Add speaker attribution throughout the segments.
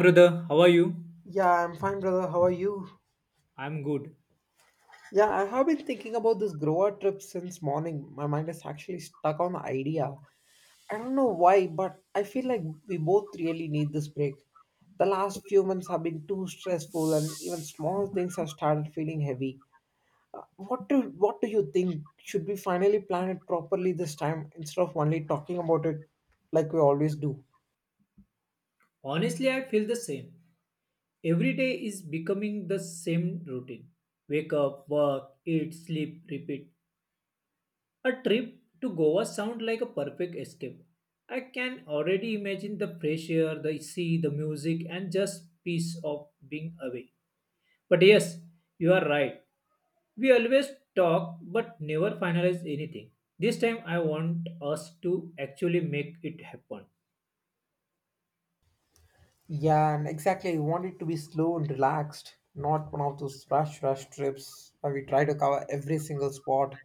Speaker 1: Brother, how are you?
Speaker 2: Yeah, I'm fine, brother. How are you?
Speaker 1: I'm good.
Speaker 2: Yeah, I have been thinking about this Goa trip since morning. My mind is actually stuck on the idea. I don't know why, but I feel like we both really need this break. The last few months have been too stressful, and even small things have started feeling heavy. What do you think? Should we finally plan it properly this time instead of only talking about it like we always do?
Speaker 1: Honestly, I feel the same. Every day is becoming the same routine. Wake up, work, eat, sleep, repeat. A trip to Goa sounds like a perfect escape. I can already imagine the fresh air, the sea, the music, and just peace of being away. But yes, you are right. We always talk but never finalize anything. This time I want us to actually make it happen.
Speaker 2: Yeah, and exactly. I want it to be slow and relaxed, not one of those rush trips where we try to cover every single spot.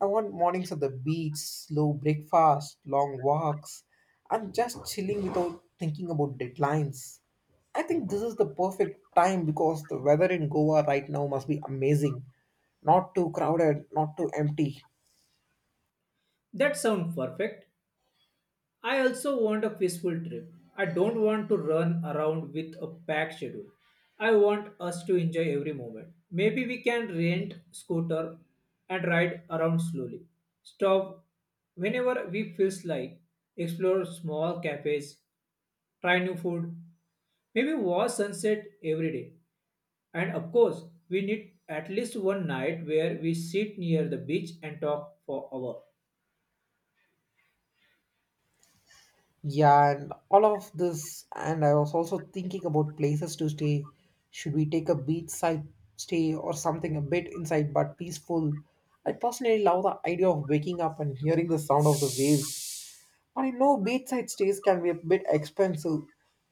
Speaker 2: I want mornings at the beach, slow breakfast, long walks, and just chilling without thinking about deadlines. I think this is the perfect time because the weather in Goa right now must be amazing. Not too crowded, not too empty.
Speaker 1: That sounds perfect. I also want a peaceful trip. I don't want to run around with a packed schedule. I want us to enjoy every moment. Maybe we can rent scooter and ride around slowly. Stop whenever we feels like. Explore small cafes, try new food, maybe watch sunset every day. And of course, we need at least one night where we sit near the beach and talk for hour.
Speaker 2: Yeah, and all of this, and I was also thinking about places to stay. Should we take a beachside stay or something a bit inside but peaceful? I personally love the idea of waking up and hearing the sound of the waves. I know beachside stays can be a bit expensive.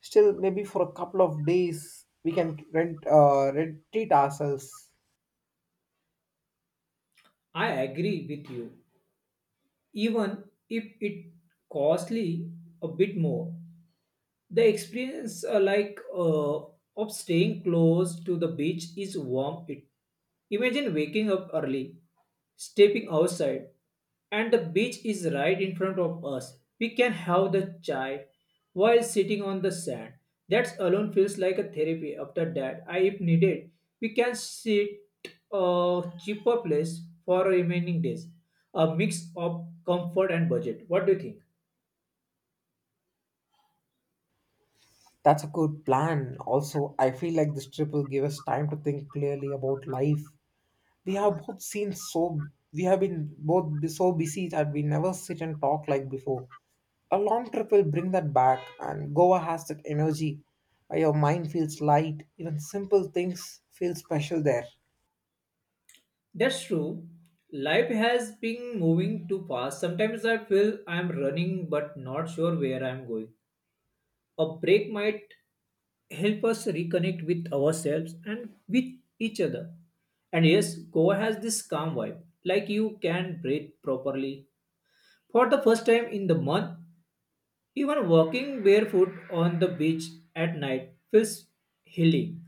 Speaker 2: Still, maybe for a couple of days, we can rent treat ourselves.
Speaker 1: I agree with you. Even if it costly a bit more. The experience, of staying close to the beach, is warm. It imagine waking up early, stepping outside, and the beach is right in front of us. We can have the chai while sitting on the sand. That alone feels like a therapy. After that, I, if needed, we can sit a cheaper place for remaining days. A mix of comfort and budget. What do you think?
Speaker 2: That's a good plan. Also, I feel like this trip will give us time to think clearly about life we have both seen so we have been both be- so busy that we never sit and talk like before. A long trip will bring that back, and Goa has that energy. Where Your mind feels light, even simple things feel special there.
Speaker 1: That's true. Life has been moving too fast. Sometimes I feel I'm running but not sure where I'm going. A break might help us reconnect with ourselves and with each other. And yes, Goa has this calm vibe, like you can breathe properly. For the first time in the month, even walking barefoot on the beach at night feels healing.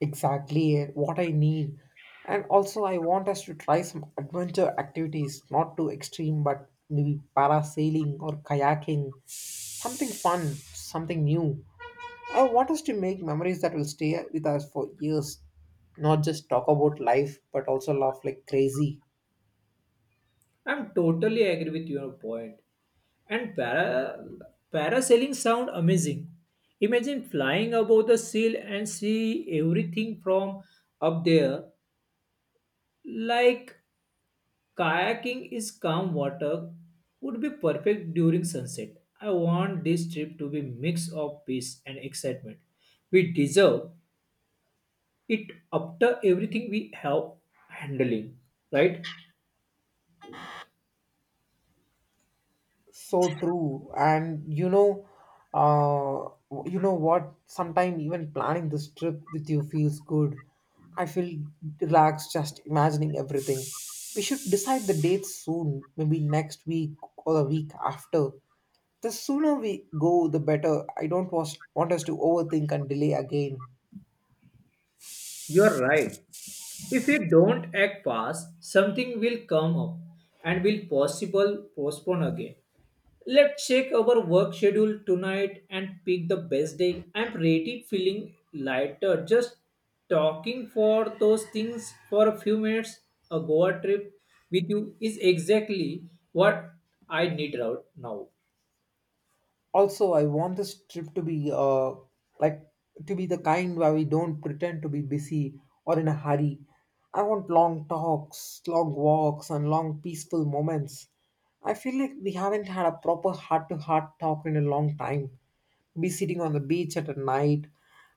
Speaker 2: Exactly, what I need. And also, I want us to try some adventure activities, not too extreme, but maybe parasailing or kayaking, something fun, something new. I want us to make memories that will stay with us for years, not just talk about life, but also laugh like crazy.
Speaker 1: I'm totally agree with your point. And parasailing sound amazing. Imagine flying above the seal and see everything from up there. Like kayaking is calm water would be perfect during sunset. I want this trip to be mix of peace and excitement. We deserve it after everything we have handling, right?
Speaker 2: So true. And you know, uh, you know what? Sometimes even planning this trip with you feels good. I feel relaxed just imagining everything. We should decide the dates soon, maybe next week or the week after. The sooner we go, the better. I don't want us to overthink and delay again.
Speaker 1: You're right. If we don't act fast, something will come up and will possible postpone again. Let's check our work schedule tonight and pick the best day. I'm pretty feeling lighter. Just talking for those things for a few minutes. A Goa trip with you is exactly what I need right now.
Speaker 2: Also, I want this trip to be like to be the kind where we don't pretend to be busy or in a hurry. I want long talks, long walks, and long peaceful moments. I feel like we haven't had a proper heart to heart talk in a long time. Be sitting on the beach at a night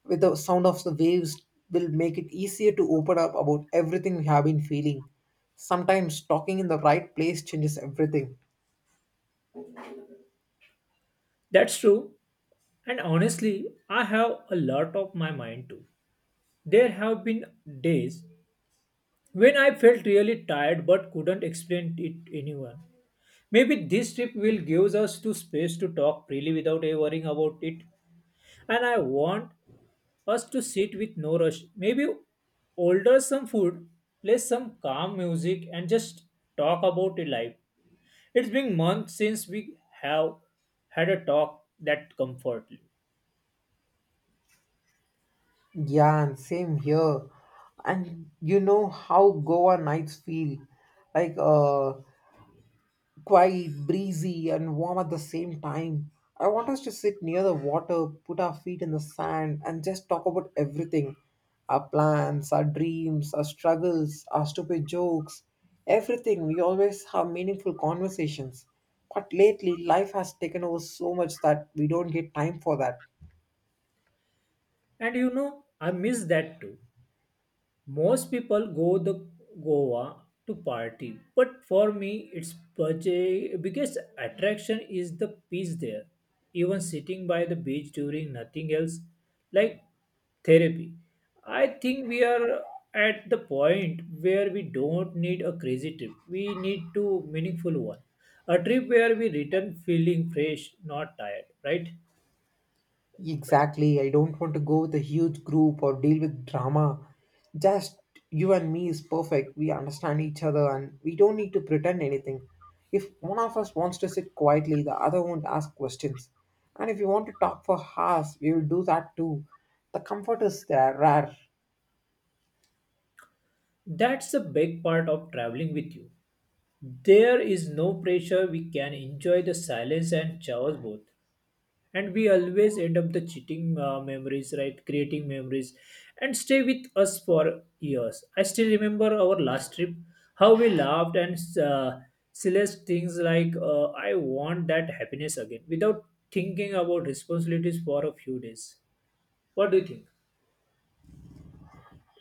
Speaker 2: with the sound of the waves will make it easier to open up about everything we have been feeling. Sometimes talking in the right place changes everything.
Speaker 1: That's true. And honestly, I have a lot of my mind too. There have been days when I felt really tired but couldn't explain it to anyone. Maybe this trip will give us to space to talk freely without ever worrying about it. And I want us to sit with no rush. Maybe order some food, play some calm music, and just talk about it life. It's been months since we have had a talk that comforted.
Speaker 2: Yeah, and same here. And you know how Goa nights feel, like uh quite breezy, and warm at the same time. I want us to sit near the water, put our feet in the sand, and just talk about everything, our plans, our dreams, our struggles, our stupid jokes, everything. We always have meaningful conversations. But lately, life has taken over so much that we don't get time for that.
Speaker 1: And you know, I miss that too. Most people go the Goa to party, but for me, its biggest attraction is the peace there. Even sitting by the beach during nothing else, like therapy. I think we are at the point where we don't need a crazy trip. We need to meaningful one. A trip where we return feeling fresh, not tired, right?
Speaker 2: Exactly. I don't want to go with a huge group or deal with drama. Just you and me is perfect. We understand each other and we don't need to pretend anything. If one of us wants to sit quietly, the other won't ask questions. And if you want to talk for hours, we will do that too. The comfort is there, rare.
Speaker 1: That's a big part of traveling with you. There is no pressure. We can enjoy the silence and chaos both. And we always end up the cheating memories, right? Creating memories and stay with us for years. I still remember our last trip, how we laughed and silly things like, I want that happiness again without thinking about responsibilities for a few days. What do you think?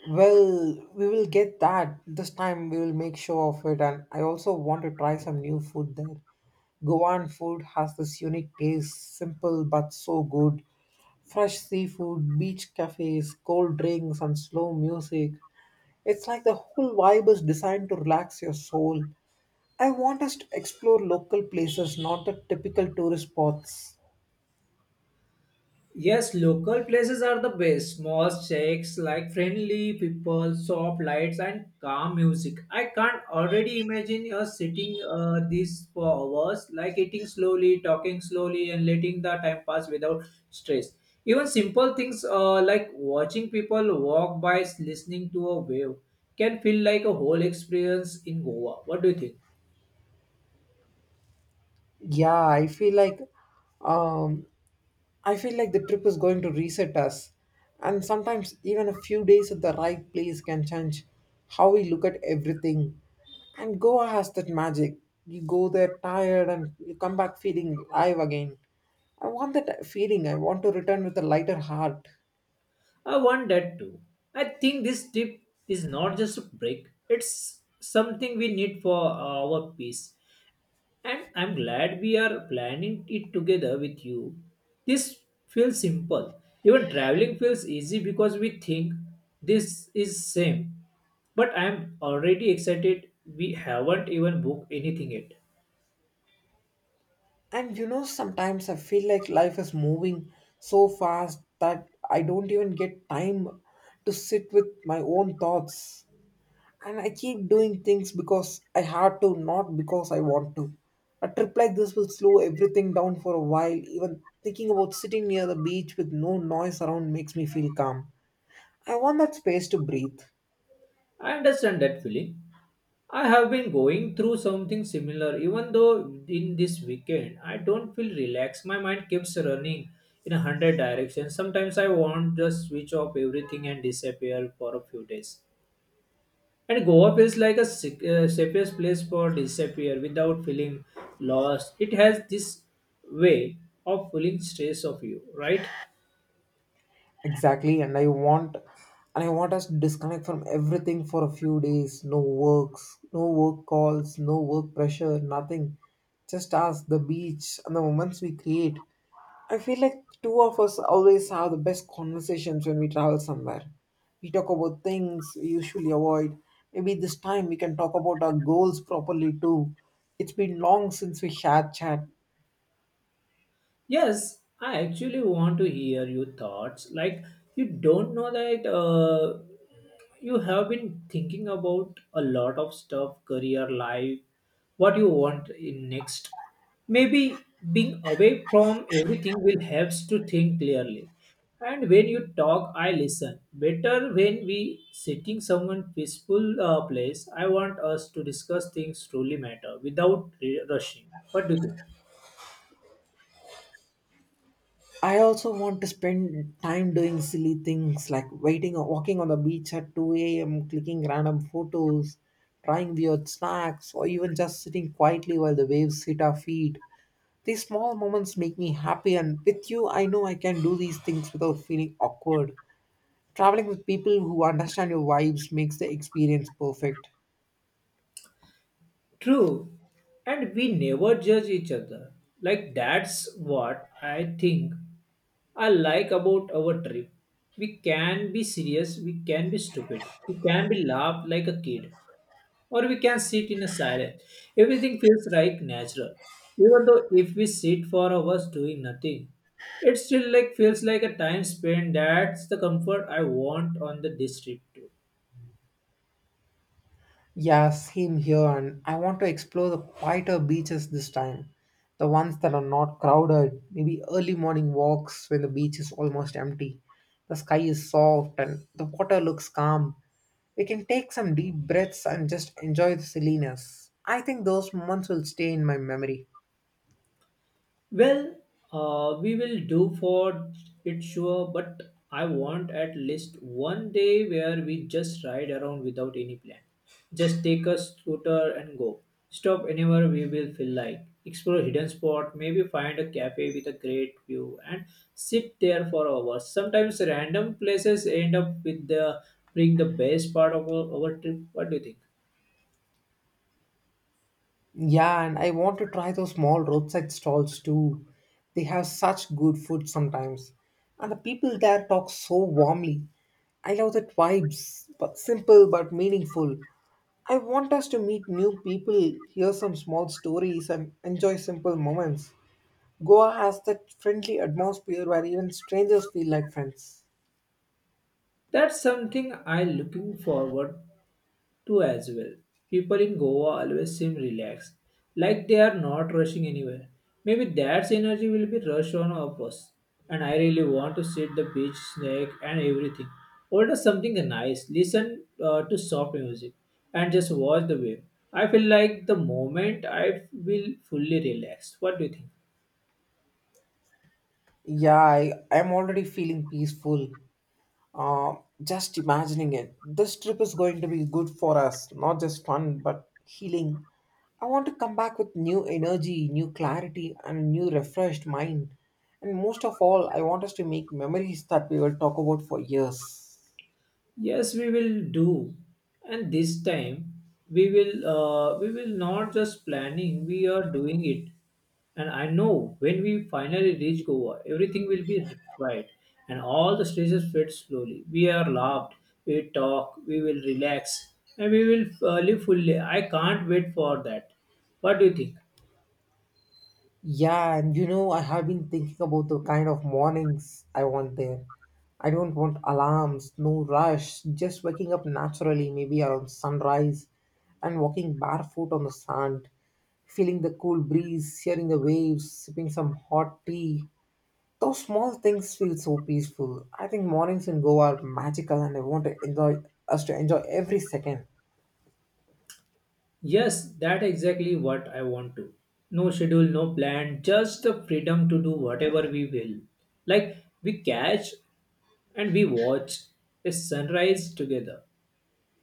Speaker 2: Well, we will get that. This time we will make sure of it. And I also want to try some new food there. Goan food has this unique taste, simple but so good. Fresh seafood, beach cafes, cold drinks, and slow music. It's like the whole vibe is designed to relax your soul. I want us to explore local places, not the typical tourist spots.
Speaker 1: Yes, local places are the best. Small shacks like friendly people, soft lights, and calm music. I can't already imagine you sitting this for hours, like eating slowly, talking slowly, and letting the time pass without stress. Even simple things like watching people walk by, listening to a wave, can feel like a whole experience in Goa. What do you think?
Speaker 2: Yeah, um, I feel like the trip is going to reset us, and sometimes even a few days at the right place can change how we look at everything. And Goa has that magic. You go there tired and you come back feeling alive again. I want that feeling. I want to return with a lighter heart.
Speaker 1: I want that too. I think this trip is not just a break, it's something we need for our peace. And I'm glad we are planning it together with you. This feels simple. Even traveling feels easy because we think this is same. But I'm already excited we haven't even booked anything yet.
Speaker 2: And you know, sometimes I feel like life is moving so fast that I don't even get time to sit with my own thoughts. And I keep doing things because I had to, not because I want to. A trip like this will slow everything down for a while. Even thinking about sitting near the beach with no noise around makes me feel calm. I want that space to breathe.
Speaker 1: I understand that feeling. I have been going through something similar, even though in this weekend I don't feel relaxed. My mind keeps running in a hundred directions. Sometimes I want to switch off everything and disappear for a few days. And Goa feels like a safest place for disappear without feeling lost. It has this way of feeling stress of you, right?
Speaker 2: Exactly, and I want us to disconnect from everything for a few days. No works, no work calls, no work pressure, nothing. Just us, the beach, and the moments we create. I feel like two of us always have the best conversations when we travel somewhere. We talk about things we usually avoid. Maybe this time we can talk about our goals properly too. It's been long since we shared chat.
Speaker 1: Yes, I actually want to hear your thoughts. Like, you don't know that you have been thinking about a lot of stuff, career, life, what you want in next. Maybe being away from everything will helps to think clearly. And when you talk, I listen. Better when we sitting someone peaceful place. I want us to discuss things truly matter without rushing. What do you think?
Speaker 2: I also want to spend time doing silly things like waiting or walking on the beach at 2 a.m., clicking random photos, trying weird snacks, or even just sitting quietly while the waves hit our feet. These small moments make me happy, and with you, I know I can do these things without feeling awkward. Traveling with people who understand your vibes makes the experience perfect.
Speaker 1: True, and we never judge each other. Like that's what I think I like about our trip. We can be serious, we can be stupid, we can be laughed like a kid, or we can sit in a silence. Everything feels like natural. Even though if we sit for hours doing nothing, it still like feels like a time spent. That's the comfort I want on the this trip too.
Speaker 2: Yeah, same here, and I want to explore the quieter beaches this time. The ones that are not crowded, maybe early morning walks when the beach is almost empty. The sky is soft and the water looks calm. We can take some deep breaths and just enjoy the silliness. I think those moments will stay in my memory.
Speaker 1: Well, we will do for it sure, but I want at least one day where we just ride around without any plan. Just take a scooter and go. Stop anywhere we will feel like. Explore hidden spot, maybe find a cafe with a great view and sit there for hours. Sometimes random places end up with the bring the best part of our trip. What do you think?
Speaker 2: Yeah, and I want to try those small roadside stalls too. They have such good food sometimes. And the people there talk so warmly. I love that vibes, but simple but meaningful. I want us to meet new people, hear some small stories, and enjoy simple moments. Goa has that friendly atmosphere where even strangers feel like friends.
Speaker 1: That's something I looking forward to as well. People in Goa always seem relaxed, like they are not rushing anywhere. Maybe that energy will be rushed on our bus. And I really want to sit the beach snack and everything. Order something nice, listen to soft music, and just watch the wave. I feel like the moment I will fully relax. What do you think?
Speaker 2: Yeah, I'm already feeling peaceful. Uh, just imagining it, this trip is going to be good for us, not just fun, but healing. I want to come back with new energy, new clarity, and a new refreshed mind. And most of all, I want us to make memories that we will talk about for years.
Speaker 1: Yes, we will do. And this time we will not just planning, we are doing it. And I know when we finally reach Goa, everything will be right. And all the stresses fade slowly. We are laughed, we talk, we will relax, and we will live fully. I can't wait for that. What do you think?
Speaker 2: Yeah, and you know, I have been thinking about the kind of mornings I want there. I don't want alarms, no rush, just waking up naturally, maybe around sunrise, and walking barefoot on the sand, feeling the cool breeze, hearing the waves, sipping some hot tea. Those small things feel so peaceful. I think mornings in Goa are magical, and I want to enjoy us to enjoy every second.
Speaker 1: Yes, that exactly what I want to. No schedule, no plan, just the freedom to do whatever we will. Like we catch and we watch a sunrise together.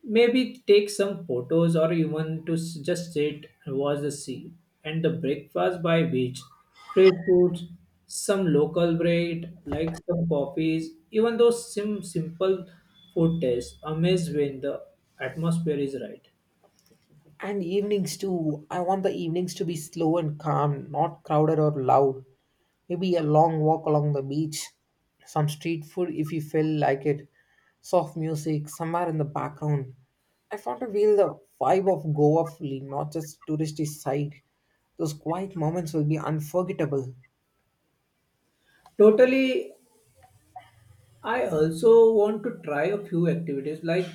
Speaker 1: Maybe take some photos or even just sit and watch the sea and the breakfast by beach, fresh foods, some local bread like some coffees. Even those simple food tastes amaze when the atmosphere is right.
Speaker 2: And evenings too. I want the evenings to be slow and calm, not crowded or loud. Maybe a long walk along the beach, some street food if you feel like it, soft music somewhere in the background. I want to feel the vibe of Goa fully, not just touristy side. Those quiet moments will be unforgettable.
Speaker 1: Totally I also want to try a few activities like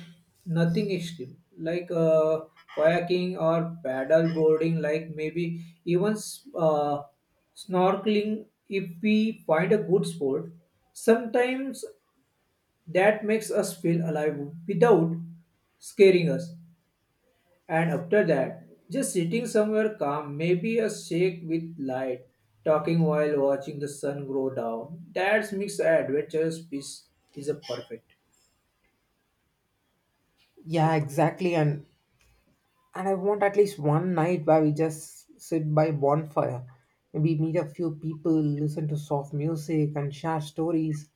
Speaker 1: nothing extreme, like kayaking or paddle boarding, like maybe even uh, snorkeling if we find a good sport. Sometimes that makes us feel alive without scaring us. And after that, just sitting somewhere calm, maybe a shake with light, talking while watching the sun grow down. That makes adventurous peace is a perfect.
Speaker 2: Yeah, exactly. And I want at least one night where we just sit by bonfire. Maybe meet a few people, listen to soft music and share stories.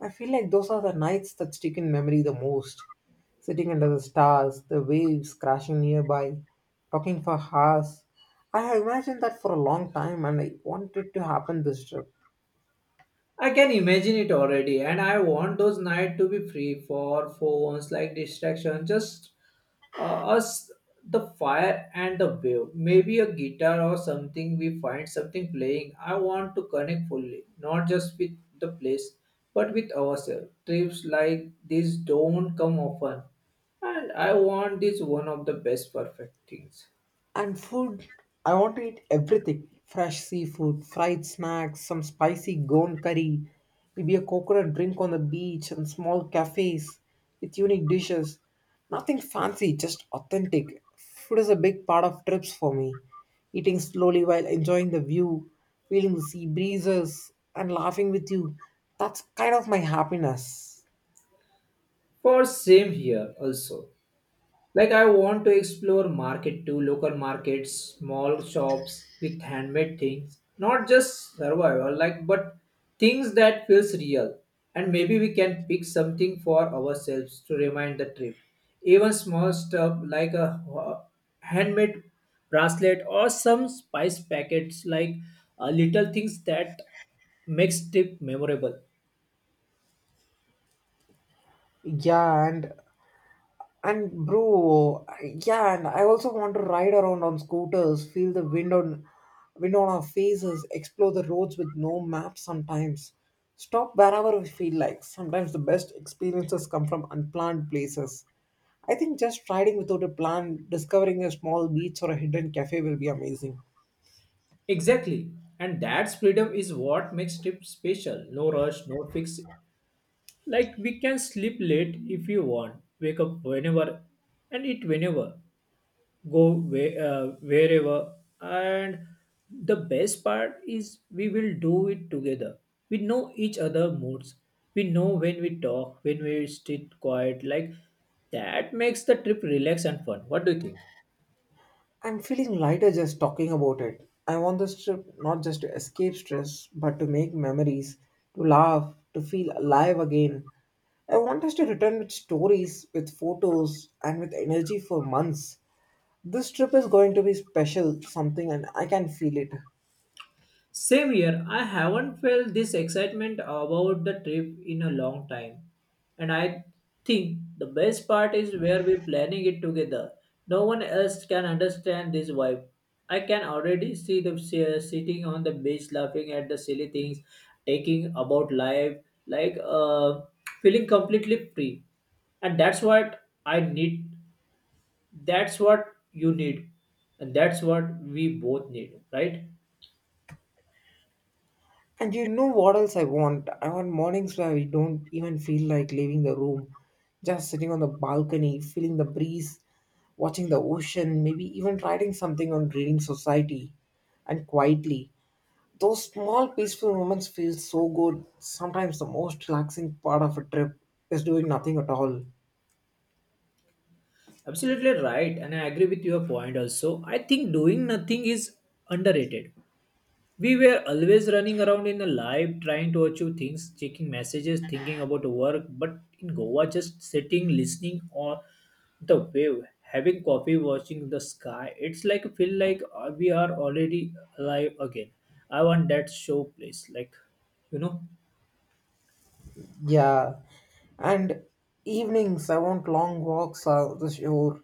Speaker 2: I feel like those are the nights that stick in memory the most. Sitting under the stars, the waves crashing nearby, talking for hours. I have imagined that for a long time and I want it to happen this trip.
Speaker 1: I can imagine it already, and I want those nights to be free for phones, like distraction, just uh, us, the fire and the wave. Maybe a guitar or something. We find something playing. I want to connect fully, not just with the place, but with ourselves. Trips like this don't come often, and I want this one of the best perfect things.
Speaker 2: And food, I want to eat everything fresh seafood, fried snacks, some spicy gon curry, maybe a coconut drink on the beach, and small cafes with unique dishes. Nothing fancy, just authentic. Food is a big part of trips for me. Eating slowly while enjoying the view, feeling the sea breezes, and laughing with you. That's kind of my happiness.
Speaker 1: For same here also. Like I want to explore market too, local markets, small shops with handmade things, not just survival like but things that feels real. And maybe we can pick something for ourselves to remind the trip. Even small stuff like a handmade bracelet or some spice packets like little things that makes trip memorable.
Speaker 2: Yeah, and bro, yeah, and I also want to ride around on scooters, feel the wind on wind on our faces, explore the roads with no map sometimes. Stop wherever we feel like. Sometimes the best experiences come from unplanned places. I think just riding without a plan, discovering a small beach or a hidden cafe will be amazing.
Speaker 1: Exactly. And that's freedom is what makes trip special. No rush, no fixed Like we can sleep late if we want, wake up whenever and eat whenever, go where, wherever. And the best part is we will do it together. We know each other moods. We know when we talk, when we sit quiet. Like that makes the trip relax and fun. What do you think?
Speaker 2: I'm feeling lighter just talking about it. I want this trip not just to escape stress, but to make memories, to laugh, to feel alive again. I want us to return with stories, with photos, and with energy for months. This trip is going to be special, something, and I can feel it.
Speaker 1: Same here, I haven't felt this excitement about the trip in a long time. And I think the best part is where we're planning it together. No one else can understand this vibe. I can already see the sitting on the beach laughing at the silly things, taking about life, like feeling completely free. And that's what I need. That's what you need. And that's what we both need, right?
Speaker 2: And you know what else I want? I want mornings where we don't even feel like leaving the room, just sitting on the balcony, feeling the breeze, watching the ocean, maybe even writing something on Reading Society and quietly. Those small peaceful moments feel so good. Sometimes the most relaxing part of a trip is doing nothing at all.
Speaker 1: Absolutely right, and I agree with your point also. I think doing nothing is underrated. We were always running around in a life trying to achieve things, checking messages, thinking about work, but in Goa, just sitting, listening or the wave, having coffee, watching the sky, it's like feel like we are already alive again. I want that show place, like you know.
Speaker 2: Yeah, and evenings I want long walks on the shore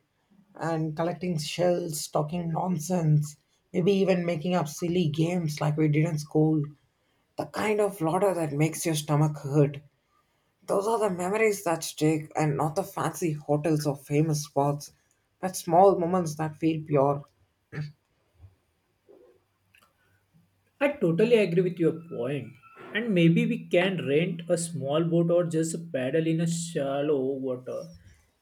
Speaker 2: and collecting shells, talking nonsense, maybe even making up silly games like we did in school. The kind of laughter that makes your stomach hurt. Those are the memories that stick and not the fancy hotels or famous spots, but small moments that feel pure.
Speaker 1: I totally agree with your point. And maybe we can rent a small boat or just paddle in a shallow water.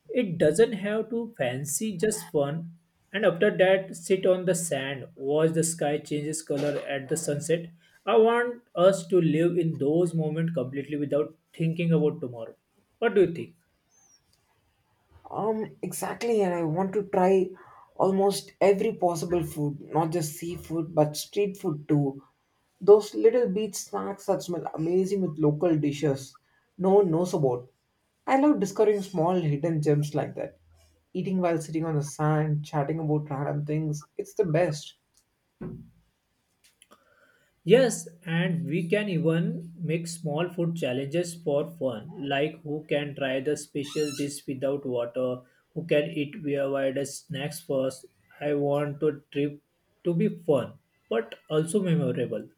Speaker 1: It doesn't have to fancy, just fun. And after that, sit on the sand, watch the sky changes color at the sunset. I want us to live in those moments completely without thinking about tomorrow. What do you think?
Speaker 2: Exactly, and I want to try almost every possible food, not just seafood, but street food too. Those little beach snacks that smell amazing with local dishes no one knows about. I love discovering small hidden gems like that. Eating while sitting on the sand, chatting about random things, it's the best.
Speaker 1: Yes, and we can even make small food challenges for fun, like who can try the special dish without water, who can eat weird snacks first. I want a trip to be fun, but also memorable.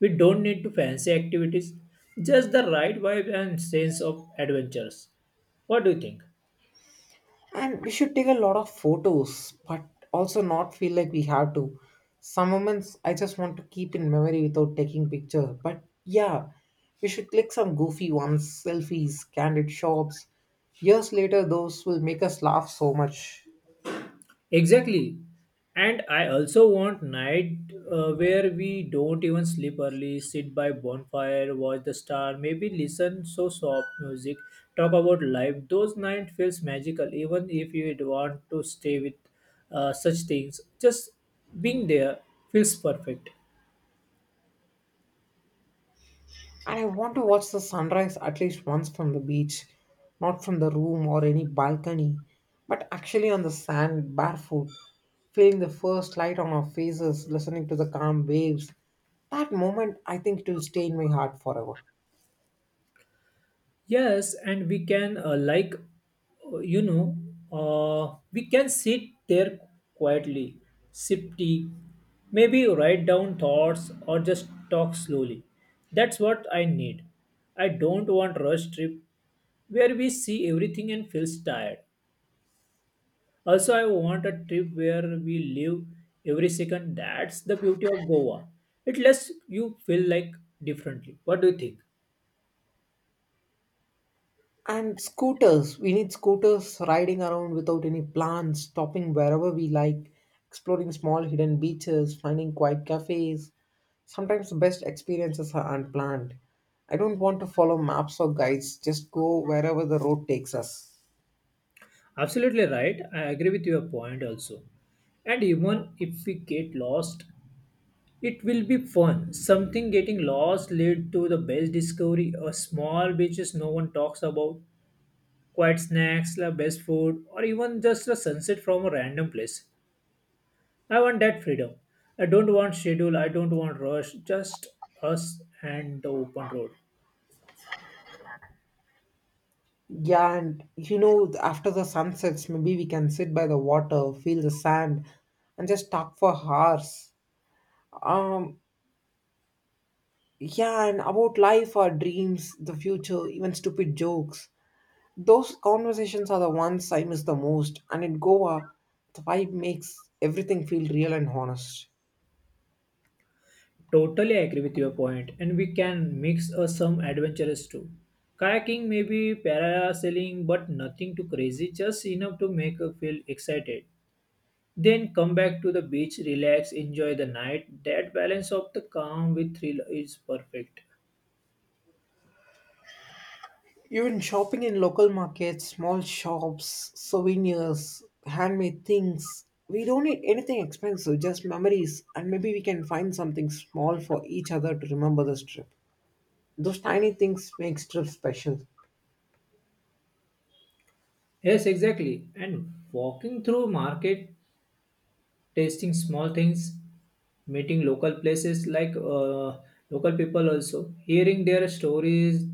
Speaker 1: We don't need to fancy activities, just the right vibe and sense of adventures. What do you think?
Speaker 2: And we should take a lot of photos, but also not feel like we have to. Some moments I just want to keep in memory without taking picture, but yeah, we should click some goofy ones, selfies, candid shots. Years later those will make us laugh so much.
Speaker 1: Exactly. And I also want night where we don't even sleep early, sit by bonfire, watch the star, maybe listen so soft music, talk about life. Those night feels magical, even if you would want to stay with such things. Just being there feels perfect.
Speaker 2: And I want to watch the sunrise at least once from the beach, not from the room or any balcony, but actually on the sand, barefoot, feeling the first light on our faces, listening to the calm waves. That moment, I think it will stay in my heart forever.
Speaker 1: Yes, and we can uh, you know we can sit there quietly, sip tea, maybe write down thoughts or just talk slowly. That's what I need. I don't want rush trip where we see everything and feels tired. Also, I want a trip where we live every second. That's the beauty of Goa. It lets you feel like differently. What do you think?
Speaker 2: And scooters. We need scooters riding around without any plans, stopping wherever we like, exploring small hidden beaches, finding quiet cafes. Sometimes the best experiences are unplanned. I don't want to follow maps or guides, just go wherever the road takes us.
Speaker 1: Absolutely right. I agree with your point also. And even if we get lost, it will be fun. Something getting lost lead to the best discovery, a small beaches no one talks about, quiet snacks, the best food, or even just a sunset from a random place. I want that freedom. I don't want schedule. I don't want rush. Just us and the open road.
Speaker 2: Yeah, and you know, after the sun sets, maybe we can sit by the water, feel the sand, and just talk for hours. Um, yeah, and about life, our dreams, the future, even stupid jokes. Those conversations are the ones I miss the most, and in Goa, the vibe makes everything feel real and honest.
Speaker 1: Totally agree with your point, and we can mix some adventures too. Kayaking, maybe parasailing, but nothing too crazy, just enough to make you feel excited. Then come back to the beach, relax, enjoy the night. That balance of the calm with thrill is perfect.
Speaker 2: Even shopping in local markets, small shops, souvenirs, handmade things. We don't need anything expensive, just memories, and maybe we can find something small for each other to remember this trip. Those tiny things makes trips special.
Speaker 1: Yes, exactly. And walking through market tasting small things, meeting local places like local people also, hearing their stories.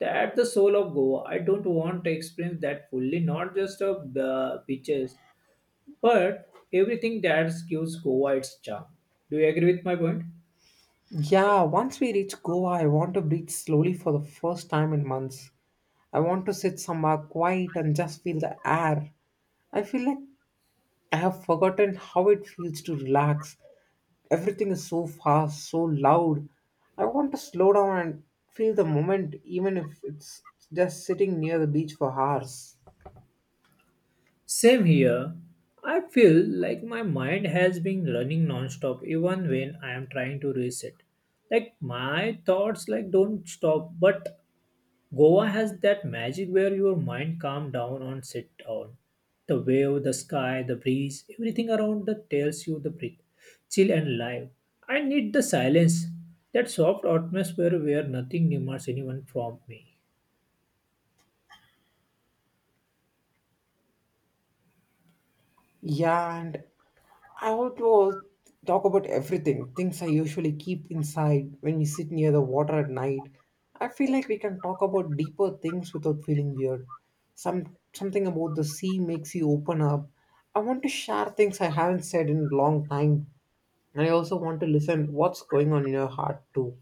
Speaker 1: That the soul of Goa. I don't want to explain that fully, not just of the beaches, but everything that gives Goa its charm. Do you agree with my point?
Speaker 2: Yeah, once we reach Goa, I want to breathe slowly for the first time in months. I want to sit somewhere quiet and just feel the air. I feel like I have forgotten how it feels to relax. Everything is so fast, so loud. I want to slow down and feel the moment, even if it's just sitting near the beach for hours.
Speaker 1: Same here. I feel like my mind has been running non-stop even when I am trying to reset. Like my thoughts like don't stop, but Goa has that magic where your mind calm down and sit down. The wave, the sky, the breeze, everything around that tells you the breathe, chill and live. I need the silence, that soft atmosphere where nothing demands anyone from me.
Speaker 2: Yeah, and I want to talk about everything, things I usually keep inside when we sit near the water at night. I feel like we can talk about deeper things without feeling weird. Something about the sea makes you open up. I want to share things I haven't said in a long time. And I also want to listen what's going on in your heart too.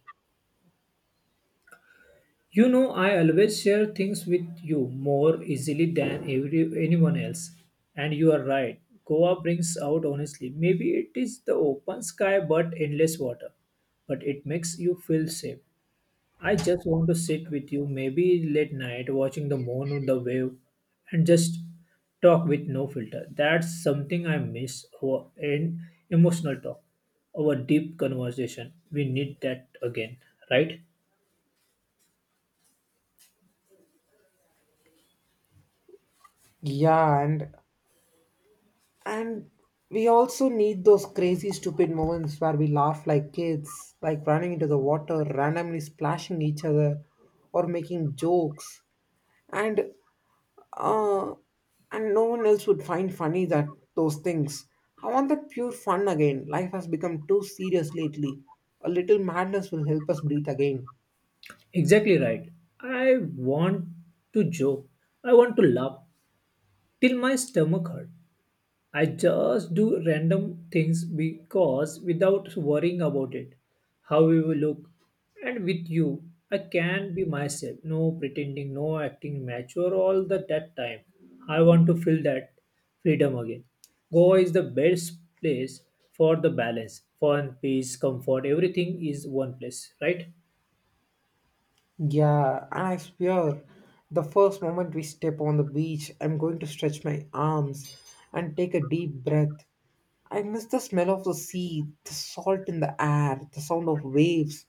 Speaker 1: You know, I always share things with you more easily than anyone else. And you are right. Goa brings out honestly. Maybe it is the open sky but endless water, but it makes you feel safe. I just want to sit with you, maybe late night, watching the moon or the wave, and just talk with no filter. That's something I miss. Our and emotional talk, our deep conversation. We need that again, right?
Speaker 2: Yeah, and we also need those crazy, stupid moments where we laugh like kids, like running into the water, randomly splashing each other, or making jokes. And uh, and no one else would find funny that those things. I want that pure fun again. Life has become too serious lately. A little madness will help us breathe again.
Speaker 1: Exactly right. I want to joke. I want to laugh till my stomach hurt. I just do random things because without worrying about it, how we will look. And with you, I can be myself, no pretending, no acting mature all the that time. I want to feel that freedom again. Goa is the best place for the balance, fun, peace, comfort, everything is one place, right?
Speaker 2: Yeah, and I swear, the first moment we step on the beach, I'm going to stretch my arms and take a deep breath. I miss the smell of the sea, the salt in the air, the sound of waves.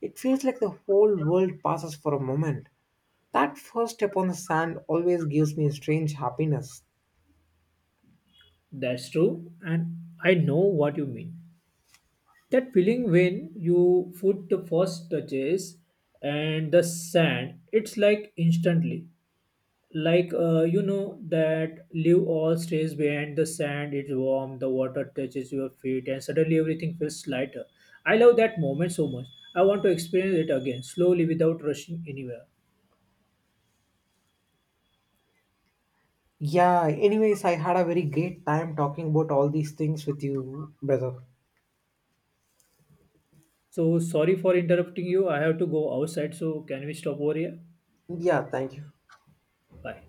Speaker 2: It feels like the whole world passes for a moment. That first step on the sand always gives me a strange happiness.
Speaker 1: That's true, and I know what you mean. That feeling when you put the first touches and the sand, it's like instantly. Like you know that leave all stays behind the sand, it's warm, the water touches your feet, and suddenly everything feels lighter. I love that moment so much. I want to experience it again, slowly without rushing anywhere.
Speaker 2: Yeah, anyways, I had a very great time talking about all these things with you, brother.
Speaker 1: So sorry for interrupting you. I have to go outside, so can we stop over here?
Speaker 2: Yeah, thank you.
Speaker 1: Bye.